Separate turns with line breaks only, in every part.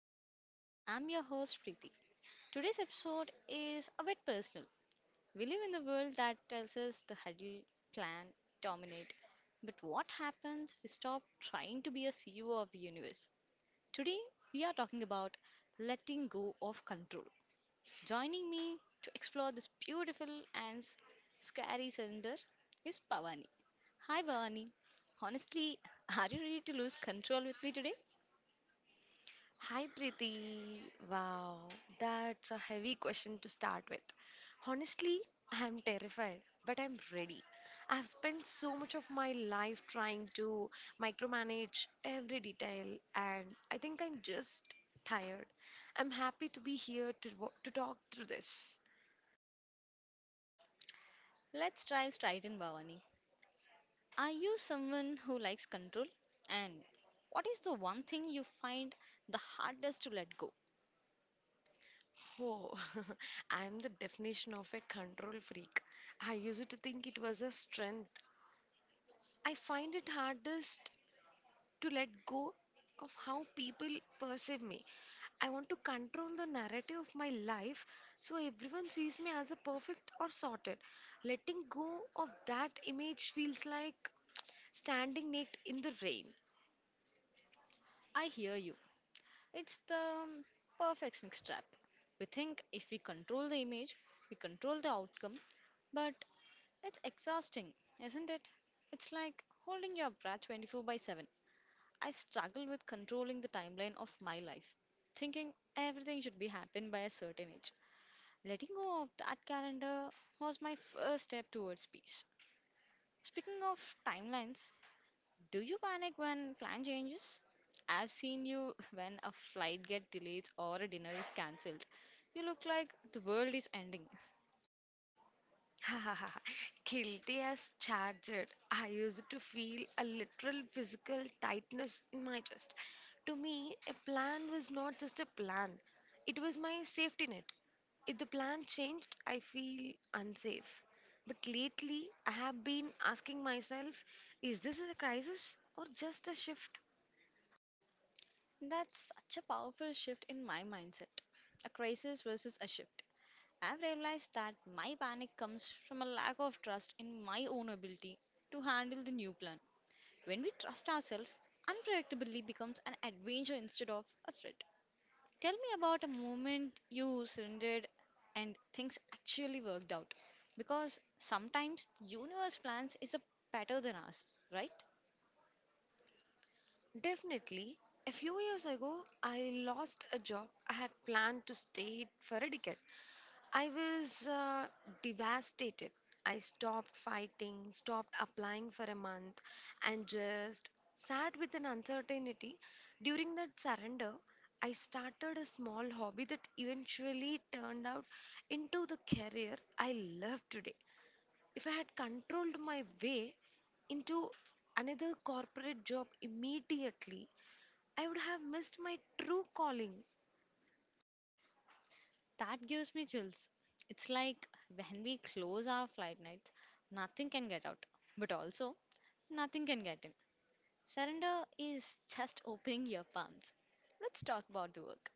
Soul Space. I'm your host, Preeti. Today's episode is a bit personal. We live in the world that tells us to huddle, plan, dominate. But what happens if we stop trying to be a CEO of the universe? Today, we are talking about letting go of control. Joining me to explore this beautiful and s- scary surrender is Pavani. Hi, Bhavani. Honestly, are you ready to lose control with me today?
Hi Preeti. Wow, that's a heavy question to start with. Honestly, I'm terrified, but I'm ready. I've spent so much of my life trying to micromanage every detail, and I think I'm just tired. I'm happy to be here to talk through this.
Let's dive straight in, Bhavani. Are you someone who likes control? And what is the one thing you find the hardest to let go?
Oh, I'm the definition of a control freak. I used to think it was a strength. I find it hardest to let go of how people perceive me. I want to control the narrative of my life so everyone sees me as a perfect or sorted. Letting go of that image feels like standing naked in the rain.
I hear you. It's the perfectionist trap. We think if we control the image, we control the outcome, but it's exhausting, isn't it? It's like holding your breath 24 by 7. I struggle with controlling the timeline of my life, thinking everything should be happened by a certain age. Letting go of that calendar was my first step towards peace. Speaking of timelines, do you panic when plan changes? I've seen you when a flight gets delayed or a dinner is cancelled. You look like the world is ending.
Guilty as charged. I used to feel a literal physical tightness in my chest. To me, a plan was not just a plan, it was my safety net. If the plan changed, I feel unsafe. But lately, I have been asking myself, is this a crisis or just a shift?
That's such a powerful shift in my mindset. A crisis versus a shift. I've realized that my panic comes from a lack of trust in my own ability to handle the new plan. When we trust ourselves, unpredictability becomes an adventure instead of a threat. Tell me about a moment you surrendered and things actually worked out. Because sometimes the universe plans is a better than us, right?
Definitely. A few years ago, I lost a job I had planned to stay for a decade. I was devastated. I stopped fighting, stopped applying for a month, and just sat with an uncertainty. During that surrender, I started a small hobby that eventually turned out into the career I love today. If I had controlled my way into another corporate job immediately, I would have missed my true calling.
That gives me chills. It's like when we close our flight nights, nothing can get out, but also nothing can get in. Surrender is just opening your palms. Let's talk about the work.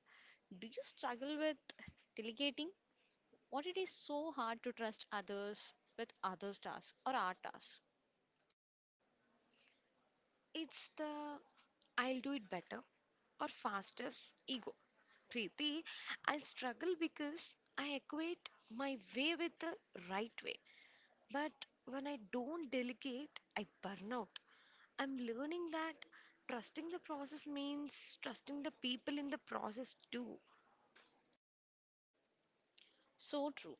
Do you struggle with delegating? What it is so hard to trust others with others' tasks or our tasks.
It's the I'll do it better or faster ego. Preeti, I struggle because I equate my way with the right way. But when I don't delegate, I burn out. I'm learning that trusting the process means trusting the people in the process too.
So true.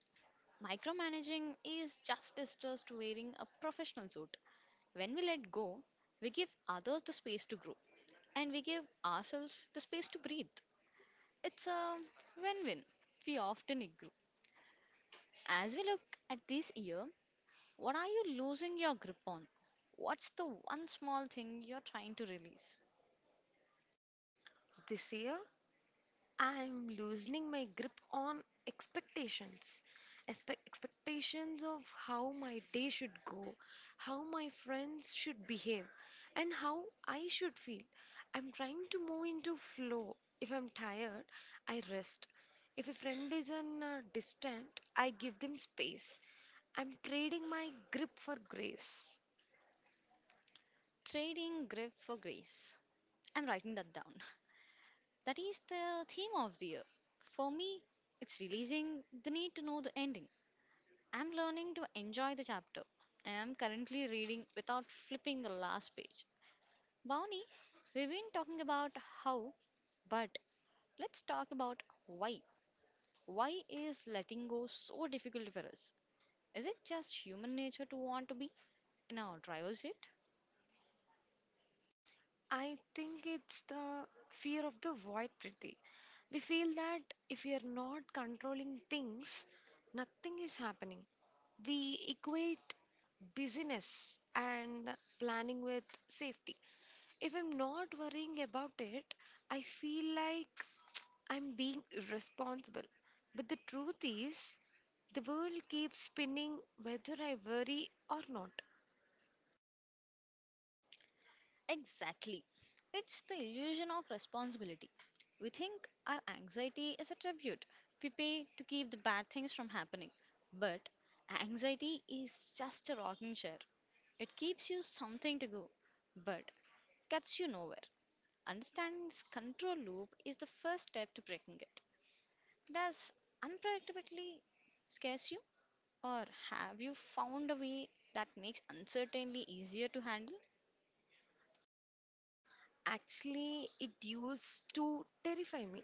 Micromanaging is just as just wearing a professional suit. When we let go, we give others the space to grow and we give ourselves the space to breathe. It's a win win. We often ignore. As we look at this year, what are you losing your grip on? What's the one small thing you're trying to release?
This year, I'm loosening my grip on expectations. Expect expectations of how my day should go, how my friends should behave, and how I should feel. I'm trying to move into flow. If I'm tired, I rest. If a friend is on distant, I give them space. I'm trading my grip for grace.
Trading grip for grace. I'm writing that down. That is the theme of the year. For me, it's releasing the need to know the ending. I'm learning to enjoy the chapter, and I'm currently reading without flipping the last page. Bonnie, we've been talking about how, but let's talk about why. Why is letting go so difficult for us? Is it just human nature to want to be in our driver's seat?
I think it's the fear of the void, Priti. We feel that if we are not controlling things, nothing is happening. We equate busyness and planning with safety. If I'm not worrying about it, I feel like I'm being irresponsible. But the truth is, the world keeps spinning whether I worry or not.
Exactly. It's the illusion of responsibility. We think our anxiety is a tribute we pay to keep the bad things from happening. But anxiety is just a rocking chair. It keeps you something to go, but gets you nowhere. Understanding this control loop is the first step to breaking it. Does unpredictability scares you, or have you found a way that makes uncertainty easier to handle?
Actually, it used to terrify me.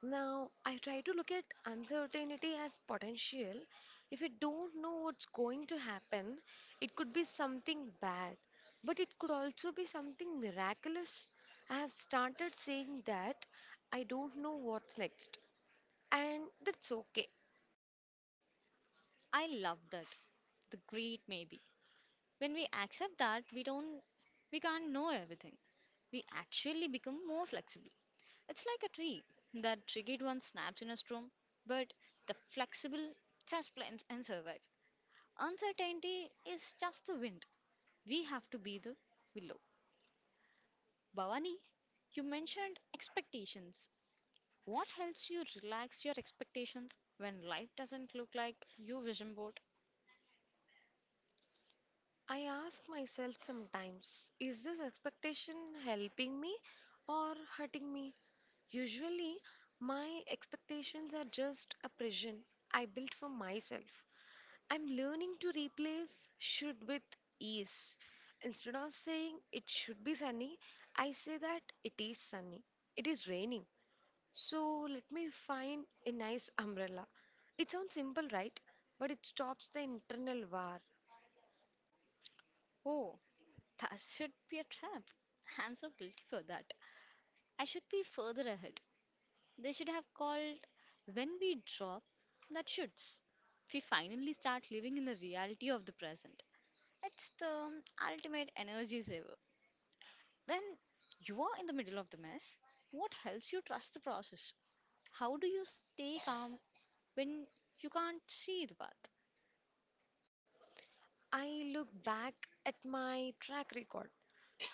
Now, I try to look at uncertainty as potential. If you don't know what's going to happen, it could be something bad, but it could also be something miraculous. I have started saying that I don't know what's next, and that's okay.
I love that. The great maybe. When we accept that we can't know everything, we actually become more flexible. It's like a tree. The triggered one snaps in a storm, but the flexible just plants and survive. Uncertainty is just the wind. We have to be the willow. Bhavani, you mentioned expectations. What helps you relax your expectations when life doesn't look like your vision board?
I ask myself sometimes, is this expectation helping me or hurting me? Usually, my expectations are just a prison I built for myself. I'm learning to replace should with is. Instead of saying it should be sunny, I say that it is sunny. It is raining. So let me find a nice umbrella. It sounds simple, right? But it stops the internal war.
Oh, that should be a trap. I'm so guilty for that. I should be further ahead. They should have called when we drop. That shoots. We finally start living in the reality of the present. It's the ultimate energy saver. When you are in the middle of the mess, what helps you trust the process? How do you stay calm when you can't see the path?
I look back at my track record.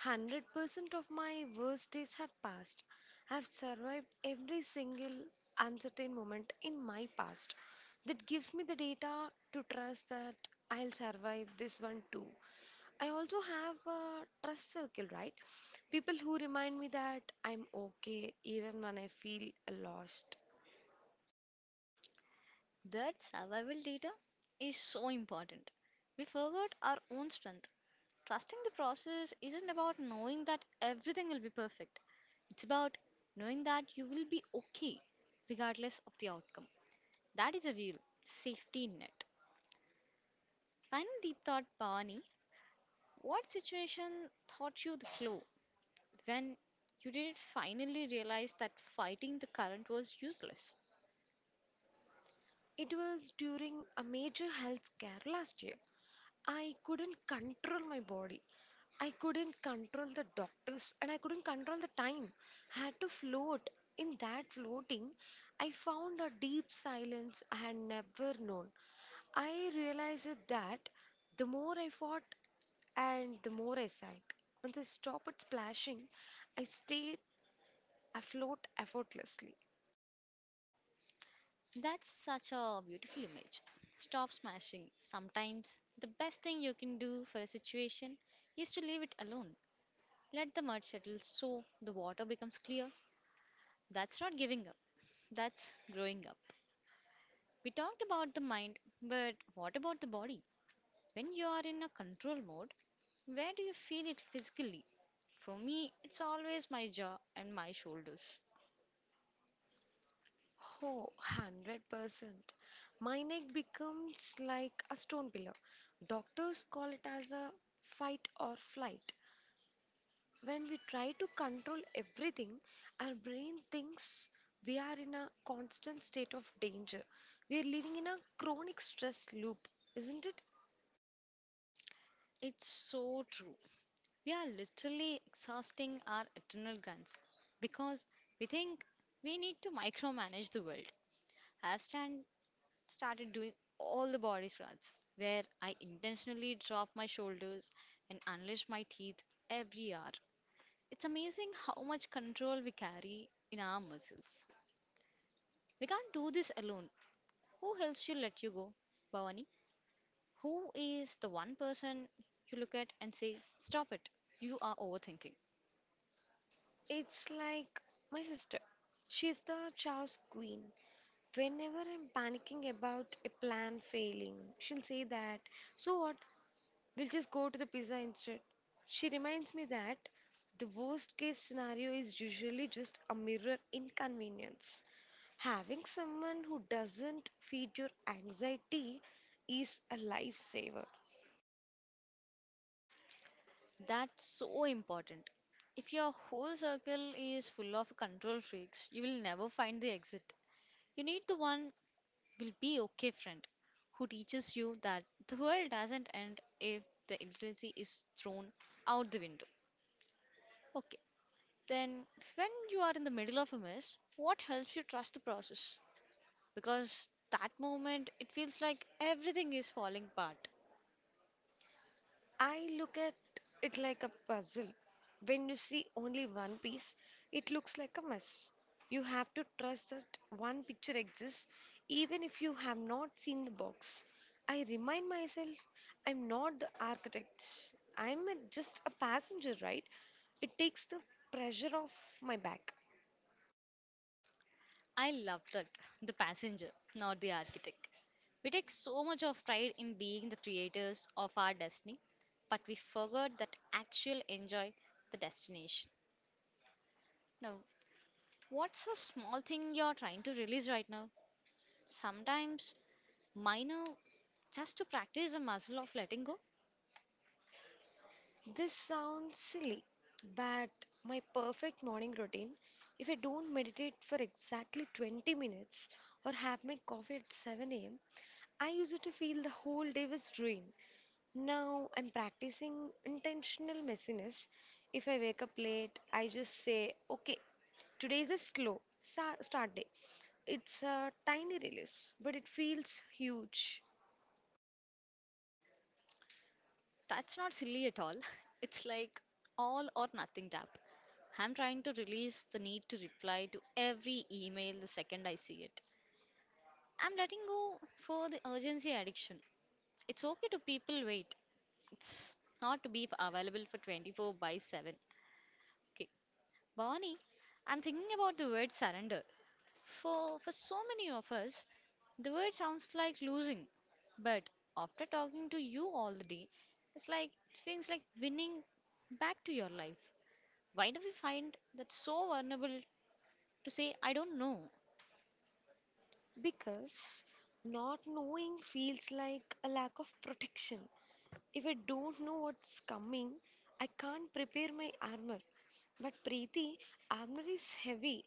100% of my worst days have passed. I've survived every single uncertain moment in my past. That gives me the data to trust that I'll survive this one too. I also have a trust circle, right? People who remind me that I'm okay even when I feel lost.
That survival data is so important. We forgot our own strength. Trusting the process isn't about knowing that everything will be perfect. It's about knowing that you will be okay regardless of the outcome. That is a real safety net. Final deep thought, Bhavani. What situation taught you the flow when you didn't finally realize that fighting the current was useless?
It was during a major health scare last year. I couldn't control my body. I couldn't control the doctors and I couldn't control the time. I had to float. In that floating, I found a deep silence I had never known. I realized that the more I fought and the more I sank. Once I stopped splashing, I stayed afloat effortlessly.
That's such a beautiful image. Stop smashing. Sometimes the best thing you can do for a situation is to leave it alone. Let the mud settle so the water becomes clear. That's not giving up, that's growing up. We talked about the mind, but what about the body? When you are in a control mode, where do you feel it physically? For me, it's always my jaw and my shoulders.
Oh, 100%. My neck becomes like a stone pillar. Doctors call it as a fight or flight. When we try to control everything, our brain thinks we are in a constant state of danger. We are living in a chronic stress loop, isn't it?
It's so true. We are literally exhausting our adrenal glands because we think we need to micromanage the world. I've stand, started doing all the body scrubs where I intentionally drop my shoulders and unleash my teeth every hour. It's amazing how much control we carry in our muscles. We can't do this alone. Who helps you let you go? Bhavani? Who is the one person you look at and say, stop it, you are overthinking?
It's like my sister. She's the chaos queen. Whenever I'm panicking about a plan failing, she'll say that, so what? We'll just go to the pizza instead. She reminds me that the worst case scenario is usually just a mirror inconvenience. Having someone who doesn't feed your anxiety is a lifesaver.
That's so important. If your whole circle is full of control freaks, you will never find the exit. You need the one will be okay friend who teaches you that the world doesn't end if the literacy is thrown out the window. Okay, then when you are in the middle of a mess, what helps you trust the process? Because that moment it feels like everything is falling apart.
I look at it like a puzzle. When you see only one piece, it looks like a mess. You have to trust that one picture exists even if you have not seen the box. I remind myself I'm not the architect. I'm just a passenger, right? It takes the pressure off my back.
I love that the passenger, not the architect. We take so much of pride in being the creators of our destiny, but we forgot that actual enjoy the destination. Now, what's a small thing you're trying to release right now? Sometimes minor, just to practice the muscle of letting go.
This sounds silly, but my perfect morning routine, if I don't meditate for exactly 20 minutes or have my coffee at 7 a.m., I used to feel the whole day was ruined. Now I'm practicing intentional messiness. If I wake up late, I just say, okay, today is a slow start day. It's a tiny release, but it feels huge.
That's not silly at all. It's like all or nothing tap. I'm trying to release the need to reply to every email the second I see it. I'm letting go for the urgency addiction. It's okay to people wait. It's not to be available for 24 by 7. Okay. Bonnie, I'm thinking about the word surrender. For so many of us, the word sounds like losing, but after talking to you all the day, it's like it feels like winning back to your life. Why do we find that so vulnerable to say, I don't know?
Because not knowing feels like a lack of protection. If I don't know what's coming, I can't prepare my armor. But Preeti, armor is heavy.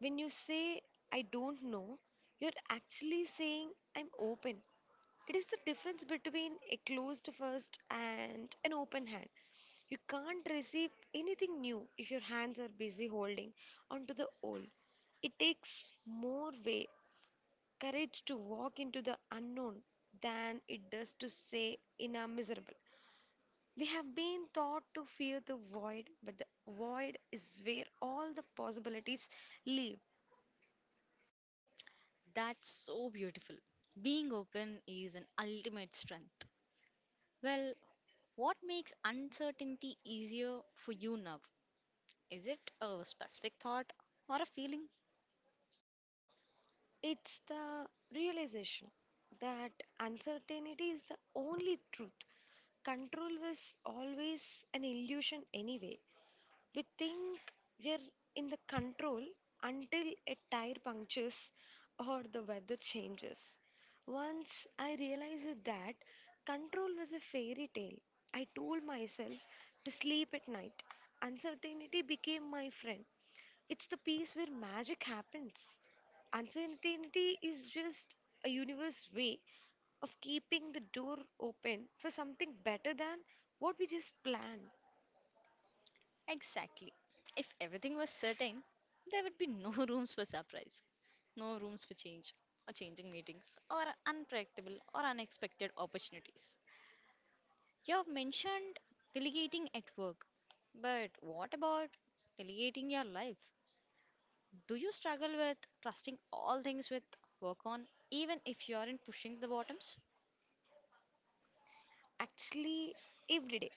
When you say I don't know, you're actually saying I'm open. It is the difference between a closed fist and an open hand. You can't receive anything new if your hands are busy holding onto the old. It takes more way, courage to walk into the unknown than it does to say in a miserable. We have been taught to fear the void, but the void is where all the possibilities live.
That's so beautiful. Being open is an ultimate strength. Well, what makes uncertainty easier for you now? Is it a specific thought or a feeling?
It's the realization that uncertainty is the only truth. Control was always an illusion, anyway. We think we're in the control until a tire punctures or the weather changes. Once I realized that control was a fairy tale, I told myself to sleep at night. Uncertainty became my friend. It's the piece where magic happens. Uncertainty is just a universe way of keeping the door open for something better than what we just planned.
Exactly. If everything was certain, there would be no rooms for surprise, no rooms for change, or changing meetings, or unpredictable or unexpected opportunities. You have mentioned delegating at work, but what about delegating your life? Do you struggle with trusting all things with work on, even if you aren't pushing the bottoms?
Actually, every day.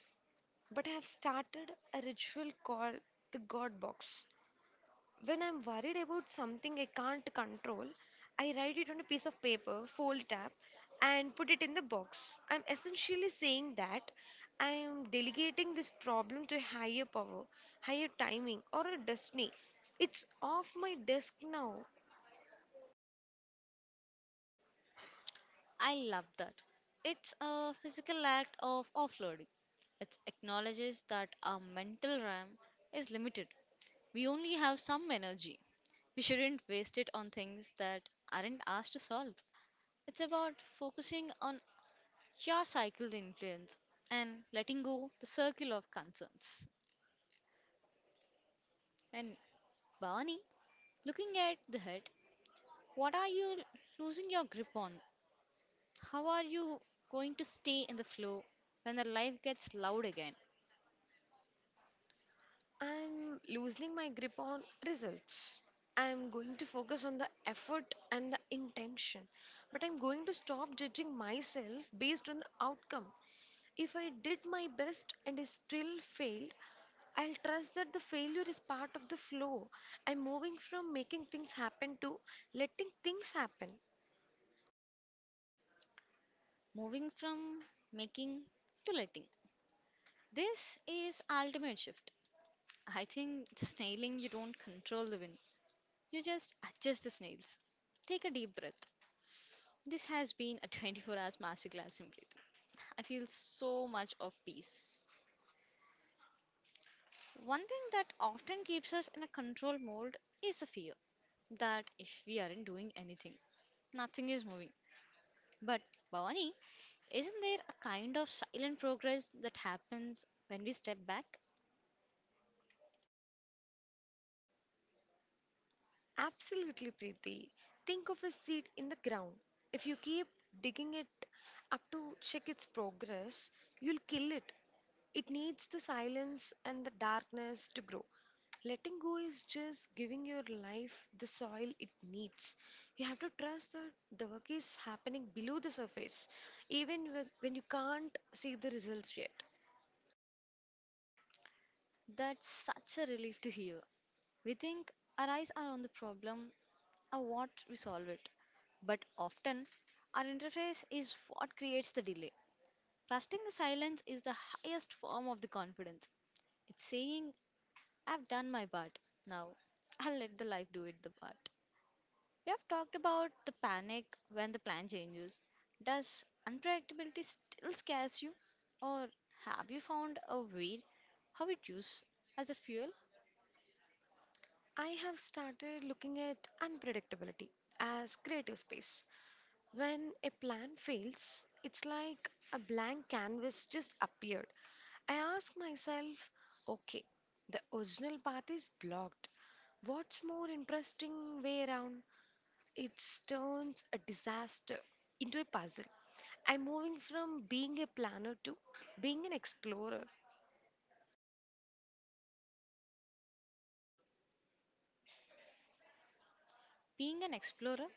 But I have started a ritual called the God Box. When I'm worried about something I can't control, I write it on a piece of paper, fold up, and put it in the box. I'm essentially saying that I am delegating this problem to a higher power, higher timing, or a destiny. It's off my desk now.
I love that. It's a physical act of offloading. It acknowledges that our mental RAM is limited. We only have some energy. We shouldn't waste it on things that aren't ours to solve. It's about focusing on your cycled influence and letting go the circle of concerns. And Barney, looking at the head, what are you losing your grip on? How are you going to stay in the flow when the life gets loud again?
I'm loosening my grip on results. I'm going to focus on the effort and the intention. But I'm going to stop judging myself based on the outcome. If I did my best and I still failed, I'll trust that the failure is part of the flow. I'm moving from making things happen to letting things happen.
Moving from making to letting. This is ultimate shift. I think the snailing you don't control the wind. You just adjust the snails. Take a deep breath. This has been a 24 hours masterclass in breathing. I feel so much of peace. One thing that often keeps us in a control mode is the fear that if we aren't doing anything, nothing is moving. But Bhavani, isn't there a kind of silent progress that happens when we step back?
Absolutely, Preeti. Think of a seed in the ground. If you keep digging it up to check its progress, you'll kill it. It needs the silence and the darkness to grow. Letting go is just giving your life the soil it needs. You have to trust that the work is happening below the surface, even when you can't see the results yet.
That's such a relief to hear. We think our eyes are on the problem or what we solve it. But often, our interface is what creates the delay. Trusting the silence is the highest form of the confidence. It's saying, I've done my part. Now, I'll let the life do it the part. We have talked about the panic when the plan changes. Does unpredictability still scares you? Or have you found a way how it used as a fuel?
I have started looking at unpredictability as creative space. When a plan fails, it's like a blank canvas just appeared. I ask myself, okay, the original path is blocked. What's more interesting way around? It turns a disaster into a puzzle. I'm moving from being a planner to being an explorer.
Being an explorer,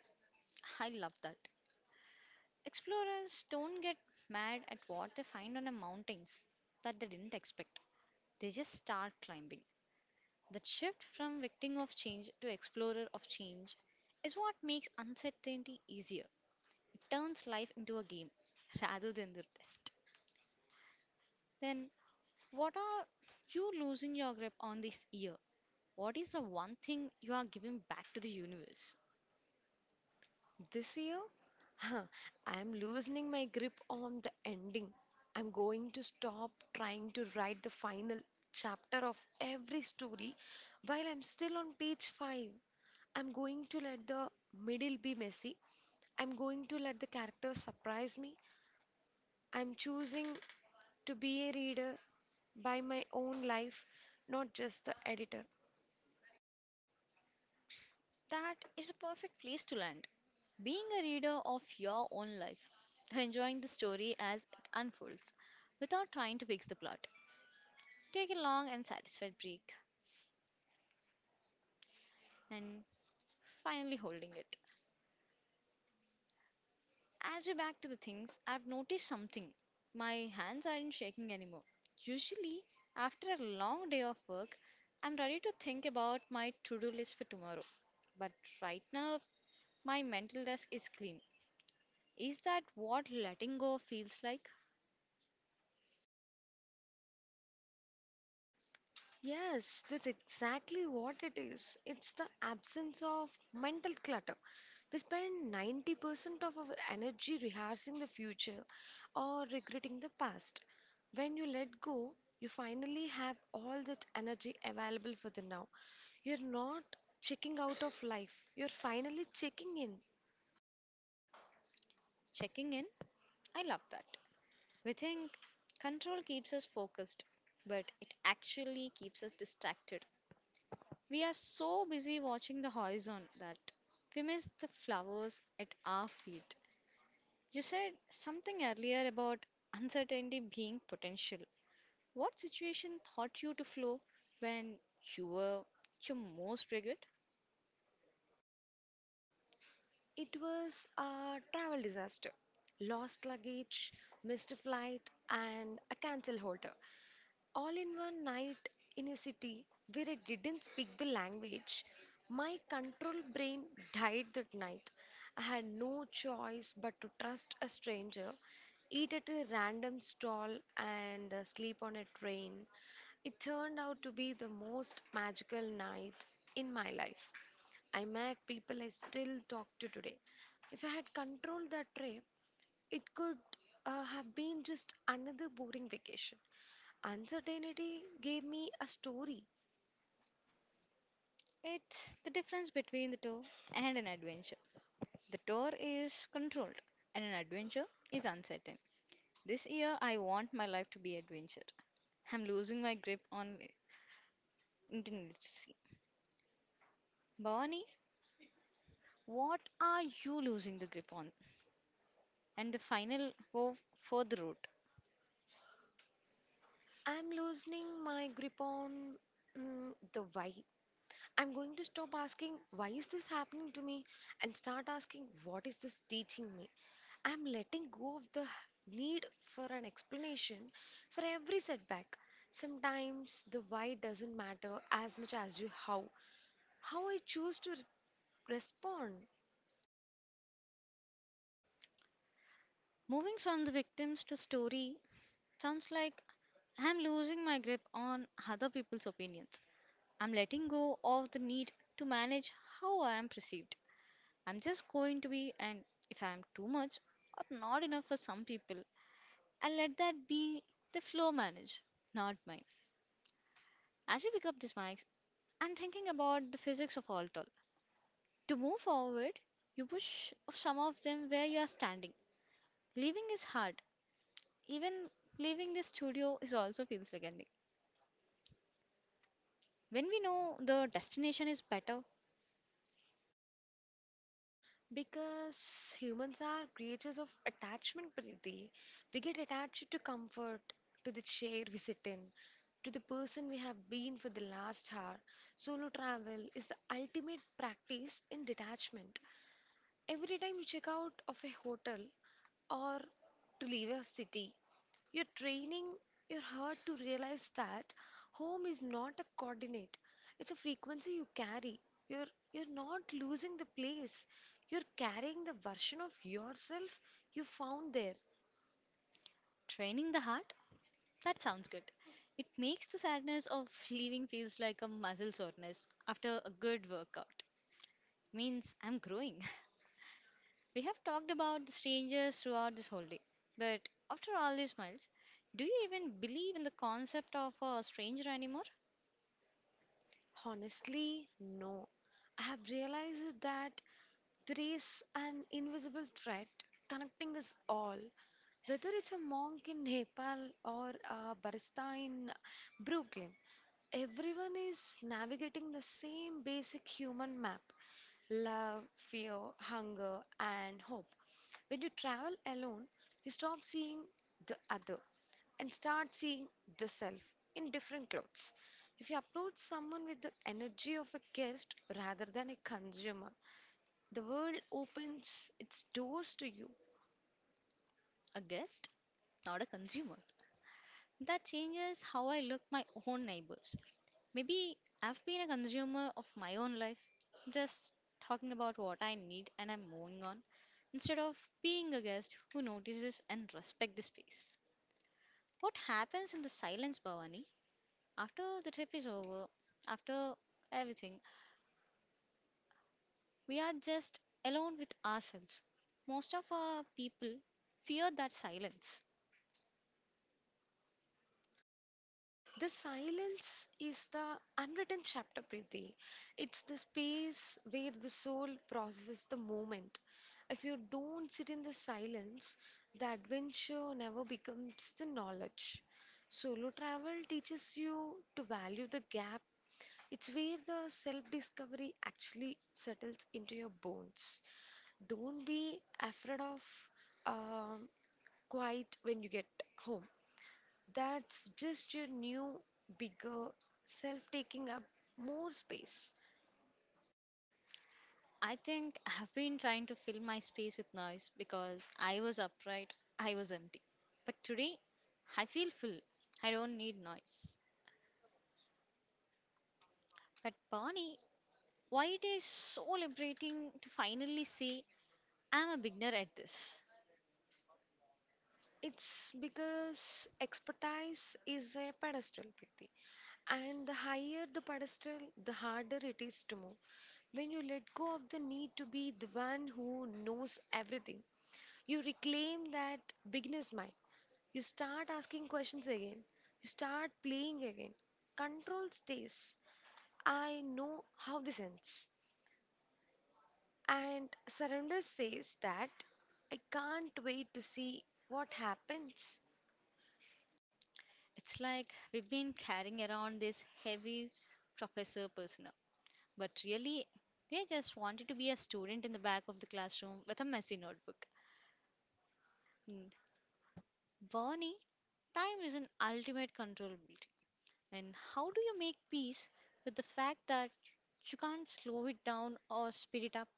I love that. Explorers don't get mad at what they find on the mountains that they didn't expect. They just start climbing. That shift from victim of change to explorer of change is what makes uncertainty easier. It turns life into a game rather than the rest. Then, what are you losing your grip on this year? What is the one thing you are giving back to the universe?
This year, huh, I'm loosening my grip on the ending. I'm going to stop trying to write the final chapter of every story while I'm still on page 5. I'm going to let the middle be messy. I'm going to let the characters surprise me. I'm choosing to be a reader by my own life, not just the editor.
That is a perfect place to land. Being a reader of your own life, enjoying the story as it unfolds, without trying to fix the plot. Take a long and satisfied break and finally holding it. As we back to the things, I've noticed something. My hands aren't shaking anymore. Usually, after a long day of work, I'm ready to think about my to-do list for tomorrow. But right now, my mental desk is clean. Is that what letting go feels like?
Yes, that's exactly what it is. It's the absence of mental clutter. We spend 90% of our energy rehearsing the future or regretting the past. When you let go, you finally have all that energy available for the now. You're not checking out of life, you're finally checking in.
Checking in? I love that. We think control keeps us focused, but it actually keeps us distracted. We are so busy watching the horizon that we miss the flowers at our feet. You said something earlier about uncertainty being potential. What situation taught you to flow when you were at your most rigid?
It was a travel disaster, lost luggage, missed flight, and a cancel holder, all in one night in a city where I didn't speak the language. My control brain died that night. I had no choice but to trust a stranger, eat at a random stall, and sleep on a train. It turned out to be the most magical night in my life. I met people I still talk to today. If I had controlled that trip, it could have been just another boring vacation. Uncertainty gave me a story.
It's the difference between the tour and an adventure. The tour is controlled, and an adventure is uncertain. This year, I want my life to be adventure. I'm losing my grip on intensity. Bhavani, what are you losing the grip on? And the final, go for the road.
I'm loosening my grip on the why. I'm going to stop asking, why is this happening to me, and start asking, what is this teaching me? I'm letting go of the need for an explanation for every setback. Sometimes the why doesn't matter as much as you how. How I choose to respond.
Moving from the victims to story. Sounds like I'm losing my grip on other people's opinions. I'm letting go of the need to manage how I am perceived. I'm just going to be, and if I'm too much or not enough for some people, I let that be the flow manage, not mine. As you pick up these mics, I'm thinking about the physics of all tall. To move forward, you push off some of them where you are standing. Leaving is hard. Even leaving the studio is also feels like ending. When we know the destination is better.
Because humans are creatures of attachment, Preeti. We get attached to comfort, to the chair we sit in, to the person we have been for the last hour. Solo travel is the ultimate practice in detachment. Every time you check out of a hotel or to leave a city, you're training your heart to realize that home is not a coordinate, it's a frequency you carry. You're, you're not losing the place, you're carrying the version of yourself you found there.
Training the heart? That sounds good. It makes the sadness of leaving feels like a muscle soreness after a good workout. Means I'm growing. We have talked about the strangers throughout this whole day. But after all these miles, do you even believe in the concept of a stranger anymore?
Honestly, no. I have realized that there is an invisible thread connecting us all. Whether it's a monk in Nepal or a barista in Brooklyn, everyone is navigating the same basic human map: love, fear, hunger, and hope. When you travel alone, you stop seeing the other and start seeing the self in different clothes. If you approach someone with the energy of a guest rather than a consumer, the world opens its doors to you.
A guest, not a consumer. That changes how I look my own neighbors. Maybe I've been a consumer of my own life, just talking about what I need and I'm moving on, instead of being a guest who notices and respect the space. What happens in the silence, Bhavani? After the trip is over, after everything, we are just alone with ourselves. Most of our people fear that silence.
The silence is the unwritten chapter, Preeti. It's the space where the soul processes the moment. If you don't sit in the silence, the adventure never becomes the knowledge. Solo travel teaches you to value the gap. It's where the self discovery actually settles into your bones. Don't be afraid of um, quiet when you get home. That's just your new, bigger self taking up more space.
I think I have been trying to fill my space with noise because I was upright, I was empty. But today, I feel full. I don't need noise. But Bonnie, why it is so liberating to finally say I'm a beginner at this?
It's because expertise is a pedestal, Preeti. And the higher the pedestal, the harder it is to move. When you let go of the need to be the one who knows everything, you reclaim that beginner's mind. You start asking questions again. You start playing again. Control stays. I know how this ends. And Surrender says that I can't wait to see what happens.
It's like we've been carrying around this heavy professor persona, but really they just wanted to be a student in the back of the classroom with a messy notebook. Mm. Bonnie, time is an ultimate controllability. And how do you make peace with the fact that you can't slow it down or speed it up?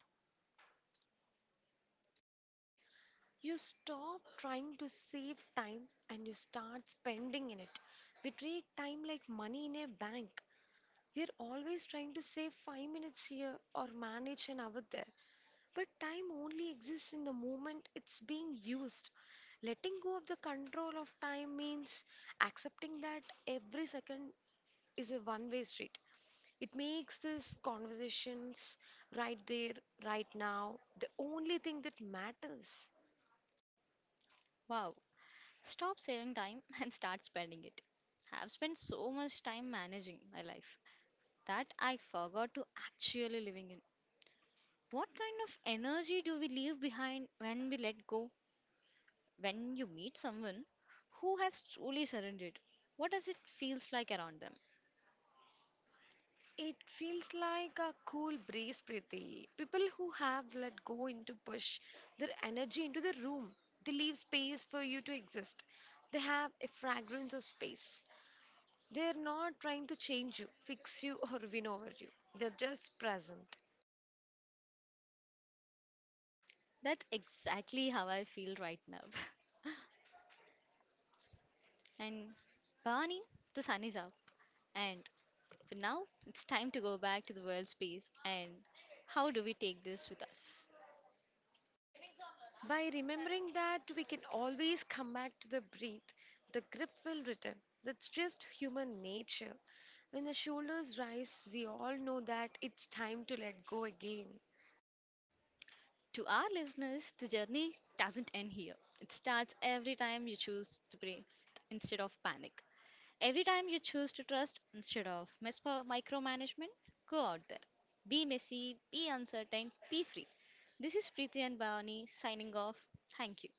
You stop trying to save time and you start spending in it. We treat time like money in a bank. We're always trying to save 5 minutes here or manage an hour there. But time only exists in the moment it's being used. Letting go of the control of time means accepting that every second is a one way street. It makes these conversations right there, right now, the only thing that matters.
Wow. Stop saving time and start spending it. I've spent so much time managing my life that I forgot to actually living in. What kind of energy do we leave behind when we let go? When you meet someone who has truly surrendered, what does it feels like around them?
It feels like a cool breeze, Preeti. People who have let go into push their energy into the room. They leave space for you to exist. They have a fragrance of space. They're not trying to change you, fix you, or win over you. They're just present.
That's exactly how I feel right now. And Barney, the sun is up and but now, it's time to go back to the world space and how do we take this with us?
By remembering that we can always come back to the breath, the grip will return. That's just human nature. When the shoulders rise, we all know that it's time to let go again.
To our listeners, the journey doesn't end here. It starts every time you choose to breathe instead of panic. Every time you choose to trust instead of micromanagement, go out there. Be messy, be uncertain, be free. This is Preeti and Bhavani signing off. Thank you.